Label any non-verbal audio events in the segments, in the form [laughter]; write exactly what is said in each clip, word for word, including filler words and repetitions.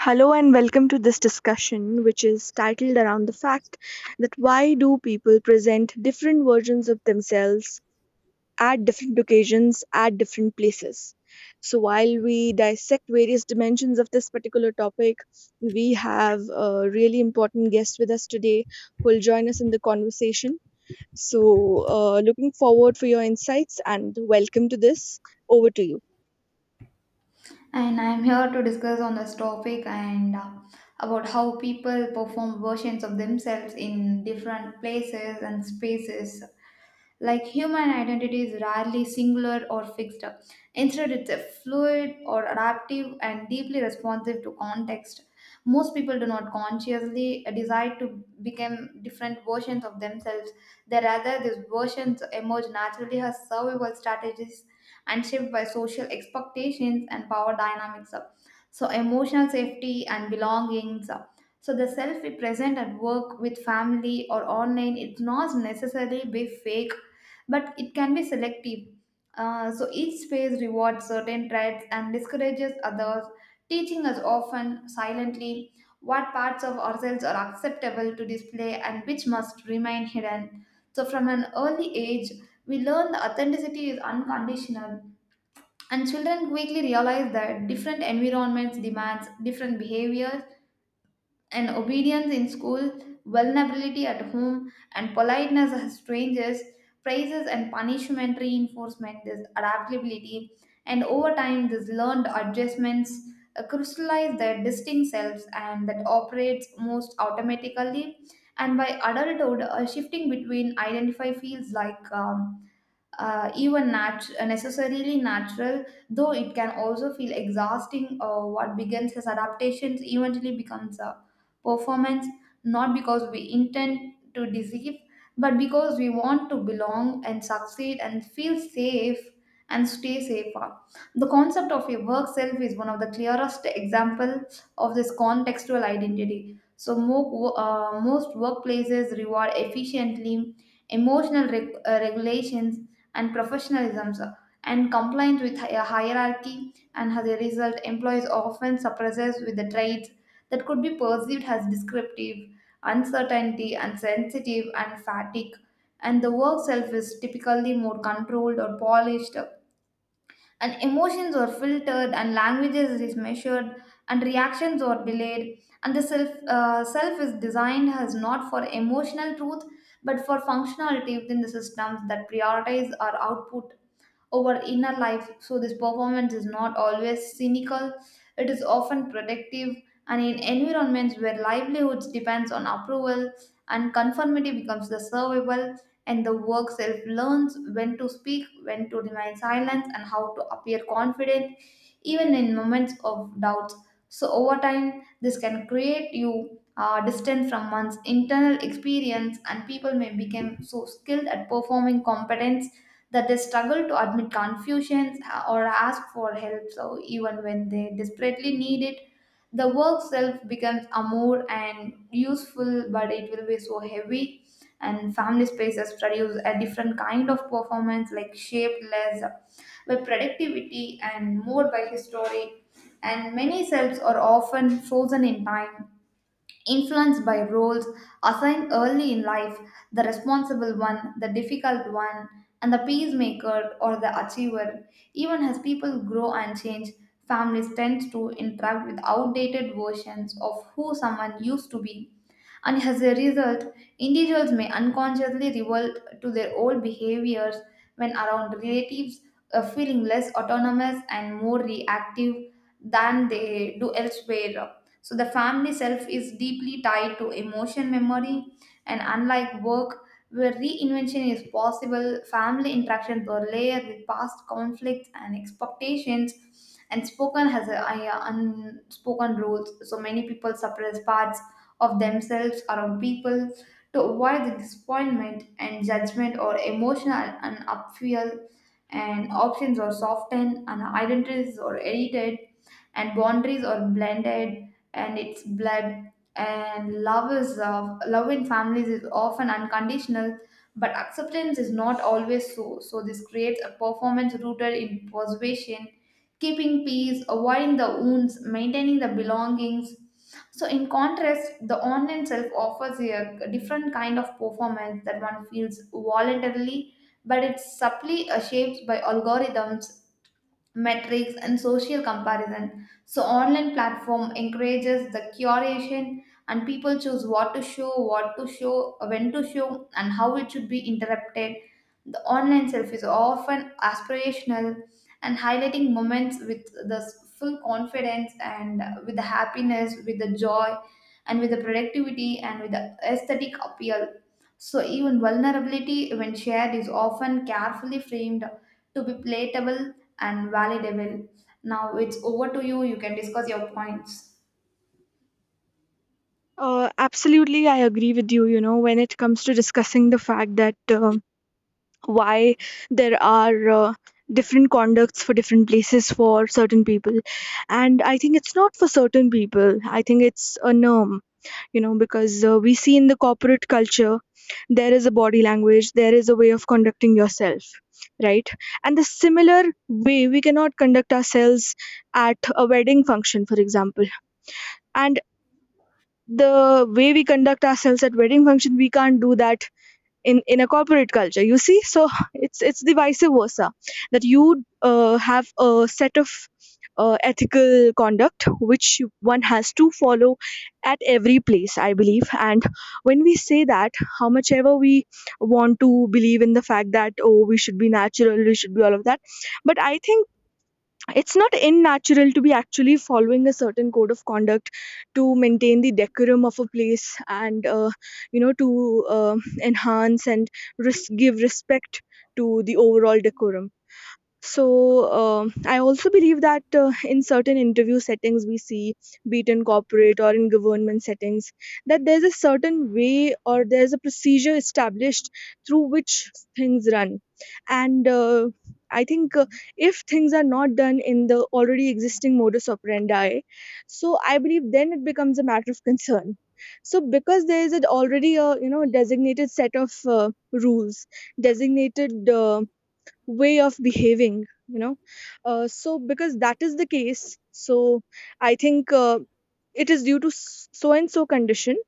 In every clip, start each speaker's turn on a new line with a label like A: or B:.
A: Hello and welcome to this discussion, which is titled around the fact that why do people present different versions of themselves at different occasions, at different places. So, while we dissect various dimensions of this particular topic, we have a really important guest with us today who will join us in the conversation. So, uh, looking forward for your insights and welcome to this. Over to you.
B: And I'm here to discuss on this topic and uh, about how people perform versions of themselves in different places and spaces. Like, human identity is rarely singular or fixed. Instead, it's a fluid or adaptive and deeply responsive to context. Most people do not consciously decide to become different versions of themselves. They rather these versions emerge naturally as survival strategies and shaped by social expectations and power dynamics. So emotional safety and belongings. So the self we present at work with family or online, it not necessarily be fake but it can be selective. Uh, so each space rewards certain traits and discourages others, teaching us often silently what parts of ourselves are acceptable to display and which must remain hidden. So, from an early age, we learn that authenticity is unconditional, and children quickly realize that different environments demands different behaviors and obedience in school, vulnerability at home, and politeness as strangers, praises and punishment reinforcement, this adaptability, and over time, these learned adjustments uh, crystallize their distinct selves and that operates most automatically. And by adulthood, a shifting between identify feels like um, uh, even nat- necessarily natural, though it can also feel exhausting. Uh, what begins as adaptations eventually becomes a performance, not because we intend to deceive, but because we want to belong and succeed and feel safe and stay safer. The concept of a work self is one of the clearest examples of this contextual identity. So, mo- uh, most workplaces reward efficiently emotional reg- uh, regulations and professionalism and compliant with hi- a hierarchy, and as a result employees often suppressed with the traits that could be perceived as descriptive uncertainty insensitive and fatigue, and the work self is typically more controlled or polished, and emotions are filtered and languages is measured and reactions are delayed, and the self uh, self is designed as not for emotional truth but for functionality within the systems that prioritize our output over inner life. So, this performance is not always cynical, it is often protective. And in environments where livelihoods depends on approval and conformity becomes the survival, and the work self learns when to speak, when to remain silent, and how to appear confident, even in moments of doubts. So, over time, this can create you uh, distant from one's internal experience, and people may become so skilled at performing competence that they struggle to admit confusions uh, or ask for help, so even when they desperately need it the work self becomes a more and useful but it will be so heavy. And family spaces produce a different kind of performance, like shaped less by productivity and more by history, and many selves are often frozen in time, influenced by roles assigned early in life: the responsible one, the difficult one, and the peacemaker or the achiever. Even as people grow and change, families tend to interact with outdated versions of who someone used to be. And as a result, individuals may unconsciously revert to their old behaviors when around relatives, uh, feeling less autonomous and more reactive than they do elsewhere. So the family self is deeply tied to emotion memory, and unlike work, where reinvention is possible, family interactions were layered with past conflicts and expectations, and spoken has a, a- unspoken rules. So many people suppress parts of themselves around people to avoid the disappointment and judgment or emotional and upfeel, and options are softened and identities are edited and boundaries are blended and its blood, and love is of love in families is often unconditional but acceptance is not always so. So this creates a performance rooted in persuasion, keeping peace, avoiding the wounds, maintaining the belongings. So in contrast the online self offers a different kind of performance that one feels voluntarily but it's subtly uh, shaped by algorithms, metrics and social comparison. So online platform encourages the curation, and people choose what to show, what to show when to show and how it should be interrupted. The online self is often aspirational, and highlighting moments with the full confidence and with the happiness with the joy and with the productivity and with the aesthetic appeal. So even vulnerability when shared is often carefully framed to be palatable and validable. Now it's over to you. You can discuss your points.
A: Uh, absolutely, I agree with you. You know, when it comes to discussing the fact that uh, why there are uh, different conducts for different places for certain people, and I think it's not for certain people. I think it's a norm. You know, because uh, we see in the corporate culture there is a body language, there is a way of conducting yourself, right? And the similar way we cannot conduct ourselves at a wedding function, for example. And the way we conduct ourselves at wedding function we can't do that in in a corporate culture, you see. So it's it's the vice versa, that you uh, have a set of uh, ethical conduct which you- one has to follow at every place, I believe. And when we say that how much ever we want to believe in the fact that, oh, we should be natural, we should be all of that, but I think it's not unnatural to be actually following a certain code of conduct to maintain the decorum of a place, and uh, you know, to uh, enhance and res- give respect to the overall decorum. So uh, I also believe that uh, in certain interview settings we see, be it in corporate or in government settings, that there's a certain way or there's a procedure established through which things run. And uh, i think uh, if things are not done in the already existing modus operandi, so I believe then it becomes a matter of concern. So because there is an already a, you know, designated set of uh, rules, designated uh, way of behaving, you know. Uh, so because that is the case, so I think uh, it is due to s- so and so condition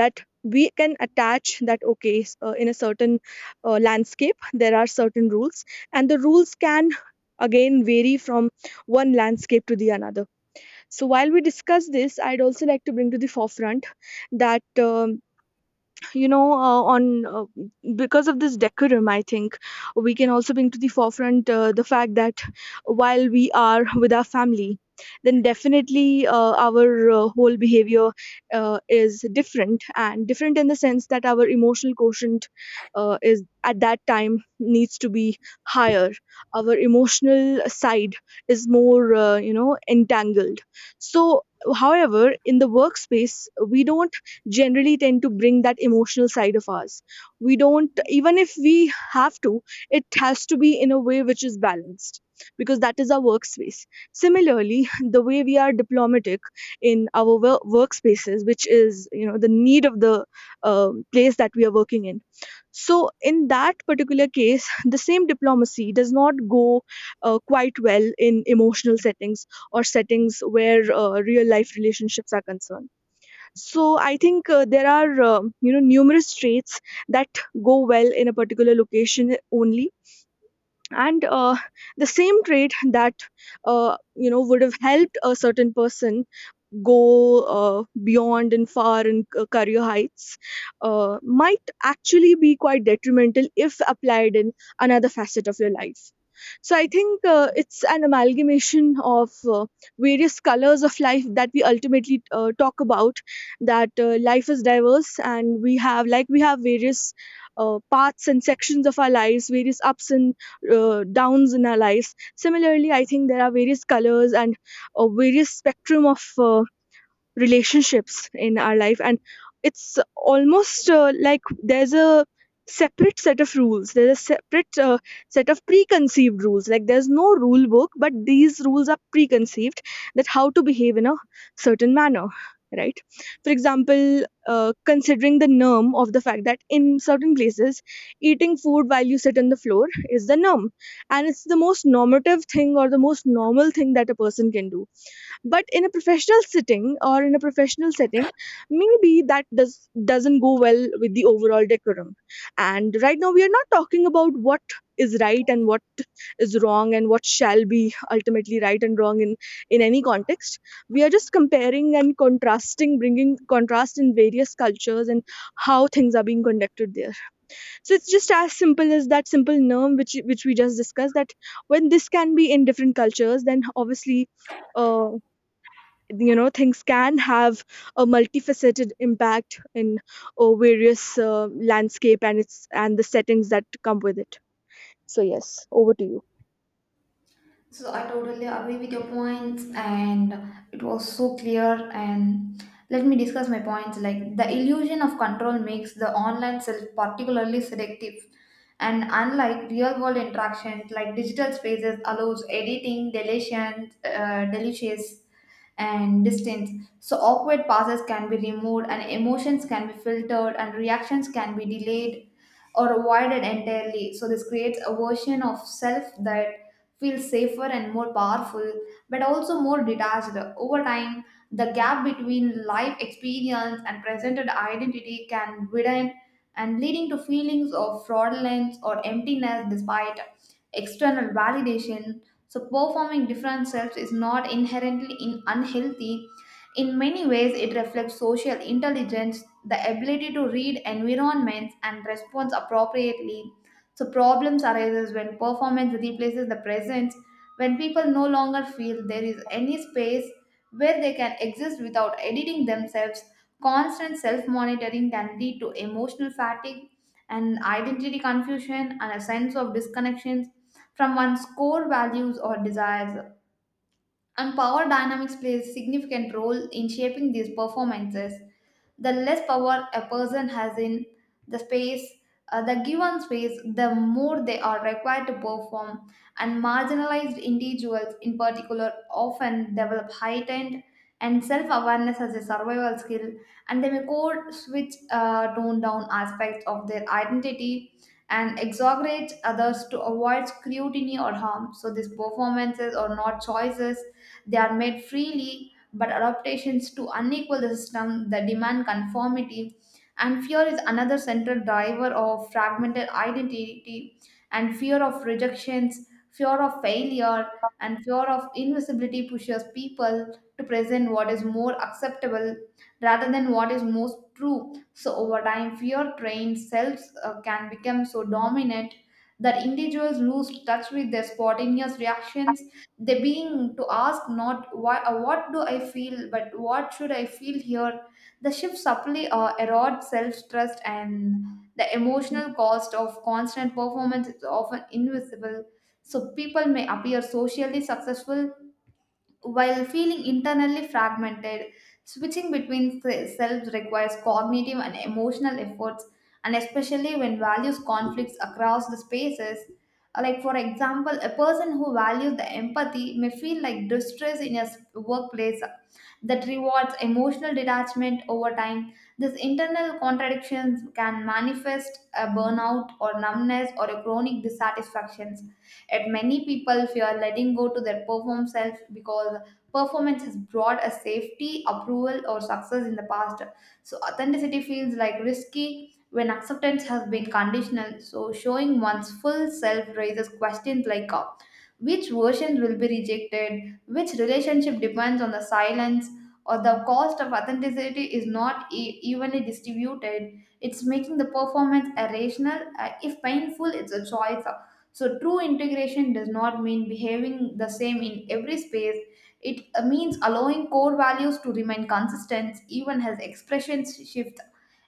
A: that we can attach that, okay, s- uh, in a certain uh, landscape there are certain rules, and the rules can again vary from one landscape to the another. So while we discuss this, I'd also like to bring to the forefront that, um, you know, uh, on uh, because of this decorum, I think we can also bring to the forefront uh, the fact that while we are with our family, then definitely uh, our uh, whole behavior uh, is different, and different in the sense that our emotional quotient uh, is, at that time, needs to be higher. Our emotional side is more, uh, you know, entangled. So however, in the workspace, we don't generally tend to bring that emotional side of ours. We don't, even if we have to, it has to be in a way which is balanced, because that is our workspace. Similarly, [laughs] the way we are diplomatic in our wo- workspaces, which is, you know, the need of the um place that we are working in. So, in that particular case, the same diplomacy does not go uh, quite well in emotional settings or settings where uh, real life relationships are concerned. So I think uh, there are, uh, you know, numerous traits that go well in a particular location only, and uh, the same trait that, uh, you know, would have helped a certain person go uh, beyond and far in c- career heights uh, might actually be quite detrimental if applied in another facet of your life. So I think uh, it's an amalgamation of uh, various colors of life that we ultimately uh, talk about. That uh, life is diverse, and we have like we have various uh, parts and sections of our lives, various ups and uh, downs in our lives. Similarly, I think there are various colors and a various spectrum of uh, relationships in our life, and it's almost uh, like there's a separate set of rules, there's a separate uh, set of preconceived rules, like there's no rule book, but these rules are preconceived, that how to behave in a certain manner, right? For example, uh, considering the norm of the fact that in certain places eating food while you sit on the floor is the norm, and it's the most normative thing or the most normal thing that a person can do, but in a professional sitting or in a professional setting, maybe that does doesn't go well with the overall decorum. And right now we are not talking about what is right and what is wrong and what shall be ultimately right and wrong in in any context. We are just comparing and contrasting, bringing contrast in various cultures and how things are being conducted there. So it's just as simple as that simple norm which which we just discussed, that when this can be in different cultures, then obviously, uh, you know, things can have a multifaceted impact in uh, various uh, landscape, and its and the settings that come with it. So yes, over to you.
B: So I totally agree with your points, and it was so clear. And let me discuss my points. Like the illusion of control makes the online self particularly selective, and unlike real world interactions, like digital spaces allows editing, deletions, uh, deletions, and distance. So awkward pauses can be removed and emotions can be filtered and reactions can be delayed or avoided entirely. So this creates a version of self that feels safer and more powerful but also more detached. Over time, the gap between life experience and presented identity can widen and leading to feelings of fraudulence or emptiness despite external validation. So, performing different selves is not inherently in unhealthy. In many ways, it reflects social intelligence, the ability to read environments and respond appropriately. So, problems arises when performance replaces the presence, when people no longer feel there is any space where they can exist without editing themselves. Constant self monitoring can lead to emotional fatigue and identity confusion and a sense of disconnection from one's core values or desires, and power dynamics plays a significant role in shaping these performances. The less power a person has in the space, uh, the given space, the more they are required to perform, and marginalized individuals in particular often develop heightened and self-awareness as a survival skill, and they may code switch, uh, tone down aspects of their identity and exaggerate others to avoid scrutiny or harm. So these performances are not choices they are made freely, but adaptations to unequal the system that demand conformity. And fear is another central driver of fragmented identity, and fear of rejections, fear of failure, and fear of invisibility pushes people to present what is more acceptable rather than what is most true. So over time, fear trained selves uh, can become so dominant that individuals lose touch with their spontaneous reactions. They being to ask not why, uh, what do I feel but what should I feel here. The shift subtly uh, erodes self-trust, and the emotional cost of constant performance is often invisible. So people may appear socially successful while feeling internally fragmented, switching between se- selves requires cognitive and emotional efforts, and especially when values conflicts across the spaces. Uh, Like, for example, a person who values the empathy may feel like distress in a s- workplace that rewards emotional detachment over time. These internal contradictions can manifest a burnout or numbness or a chronic dissatisfaction, yet many people fear letting go to their perform self because performance has brought a safety approval or success in the past. So authenticity feels like risky when acceptance has been conditional. So showing one's full self raises questions like, uh, which versions will be rejected, which relationship depends on the silence, or the cost of authenticity is not e- evenly distributed, it's making the performance irrational. Uh, if painful it's a choice. So, true integration does not mean behaving the same in every space. It uh, means allowing core values to remain consistent even as expressions shift.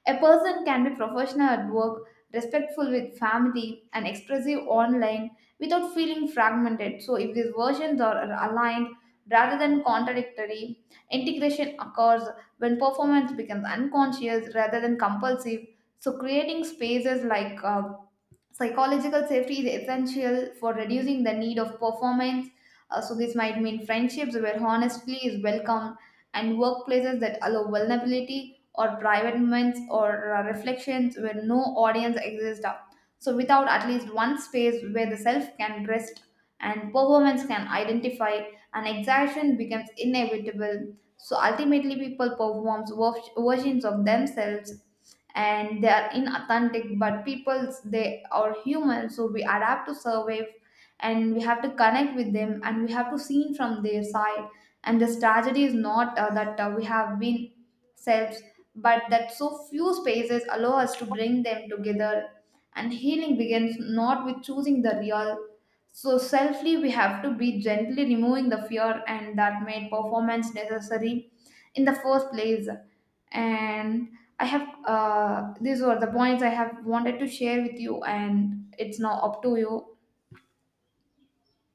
B: A person can be professional at work, respectful with family, and expressive online without feeling fragmented. So, if these versions are are aligned rather than contradictory, integration occurs when performance becomes unconscious rather than compulsive. So, creating spaces like uh, psychological safety is essential for reducing the need of performance. Uh, so, this might mean friendships where honesty is welcome, and workplaces that allow vulnerability or private moments or uh, reflections where no audience exists. So, without at least one space where the self can rest and performance can identify, and exhaustion becomes inevitable. So, ultimately, people perform versions of themselves and they are inauthentic but people's they are human, so we adapt to survive, and we have to connect with them and we have to see from their side. And this tragedy is not uh, that uh, we have been selves but that so few spaces allow us to bring them together, and healing begins not with choosing the real. So selfly we have to be gently removing the fear and that made performance necessary in the first place. And I have uh, these were the points I have wanted to share with you, and it's now up to you.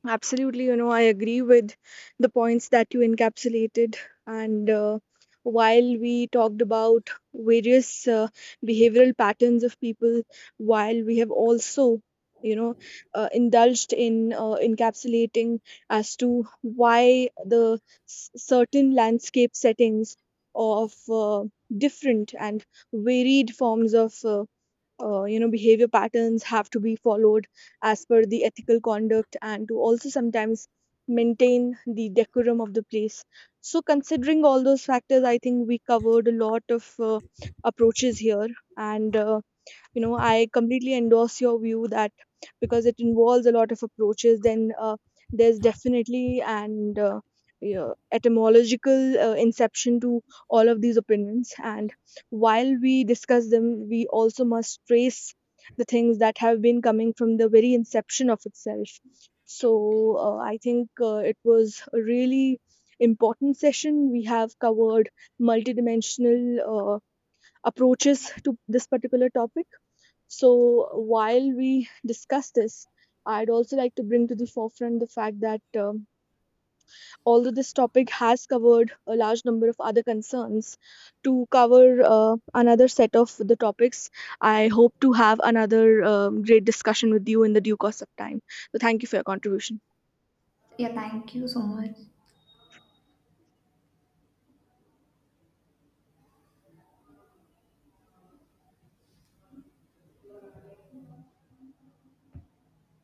A: Absolutely, you know, I agree with the points that you encapsulated. And uh, while we talked about various uh, behavioral patterns of people, while we have also, you know, uh, indulged in uh, encapsulating as to why the s- certain landscape settings of uh, different and varied forms of uh, uh, you know, behavior patterns have to be followed as per the ethical conduct and to also sometimes maintain the decorum of the place. So considering all those factors, I think we covered a lot of uh, approaches here. And uh, you know, I completely endorse your view that because it involves a lot of approaches, then uh, there's definitely, and uh, yeah, etymological uh, inception to all of these opinions. And while we discuss them, we also must trace the things that have been coming from the very inception of itself. So uh, i think uh, it was a really important session. We have covered multidimensional uh, approaches to this particular topic. So, while we discuss this, I'd also like to bring to the forefront the fact that, um, although this topic has covered a large number of other concerns, to cover uh, another set of the topics, I hope to have another um, great discussion with you in the due course of time. So, thank you for your contribution.
B: Yeah, thank you so much.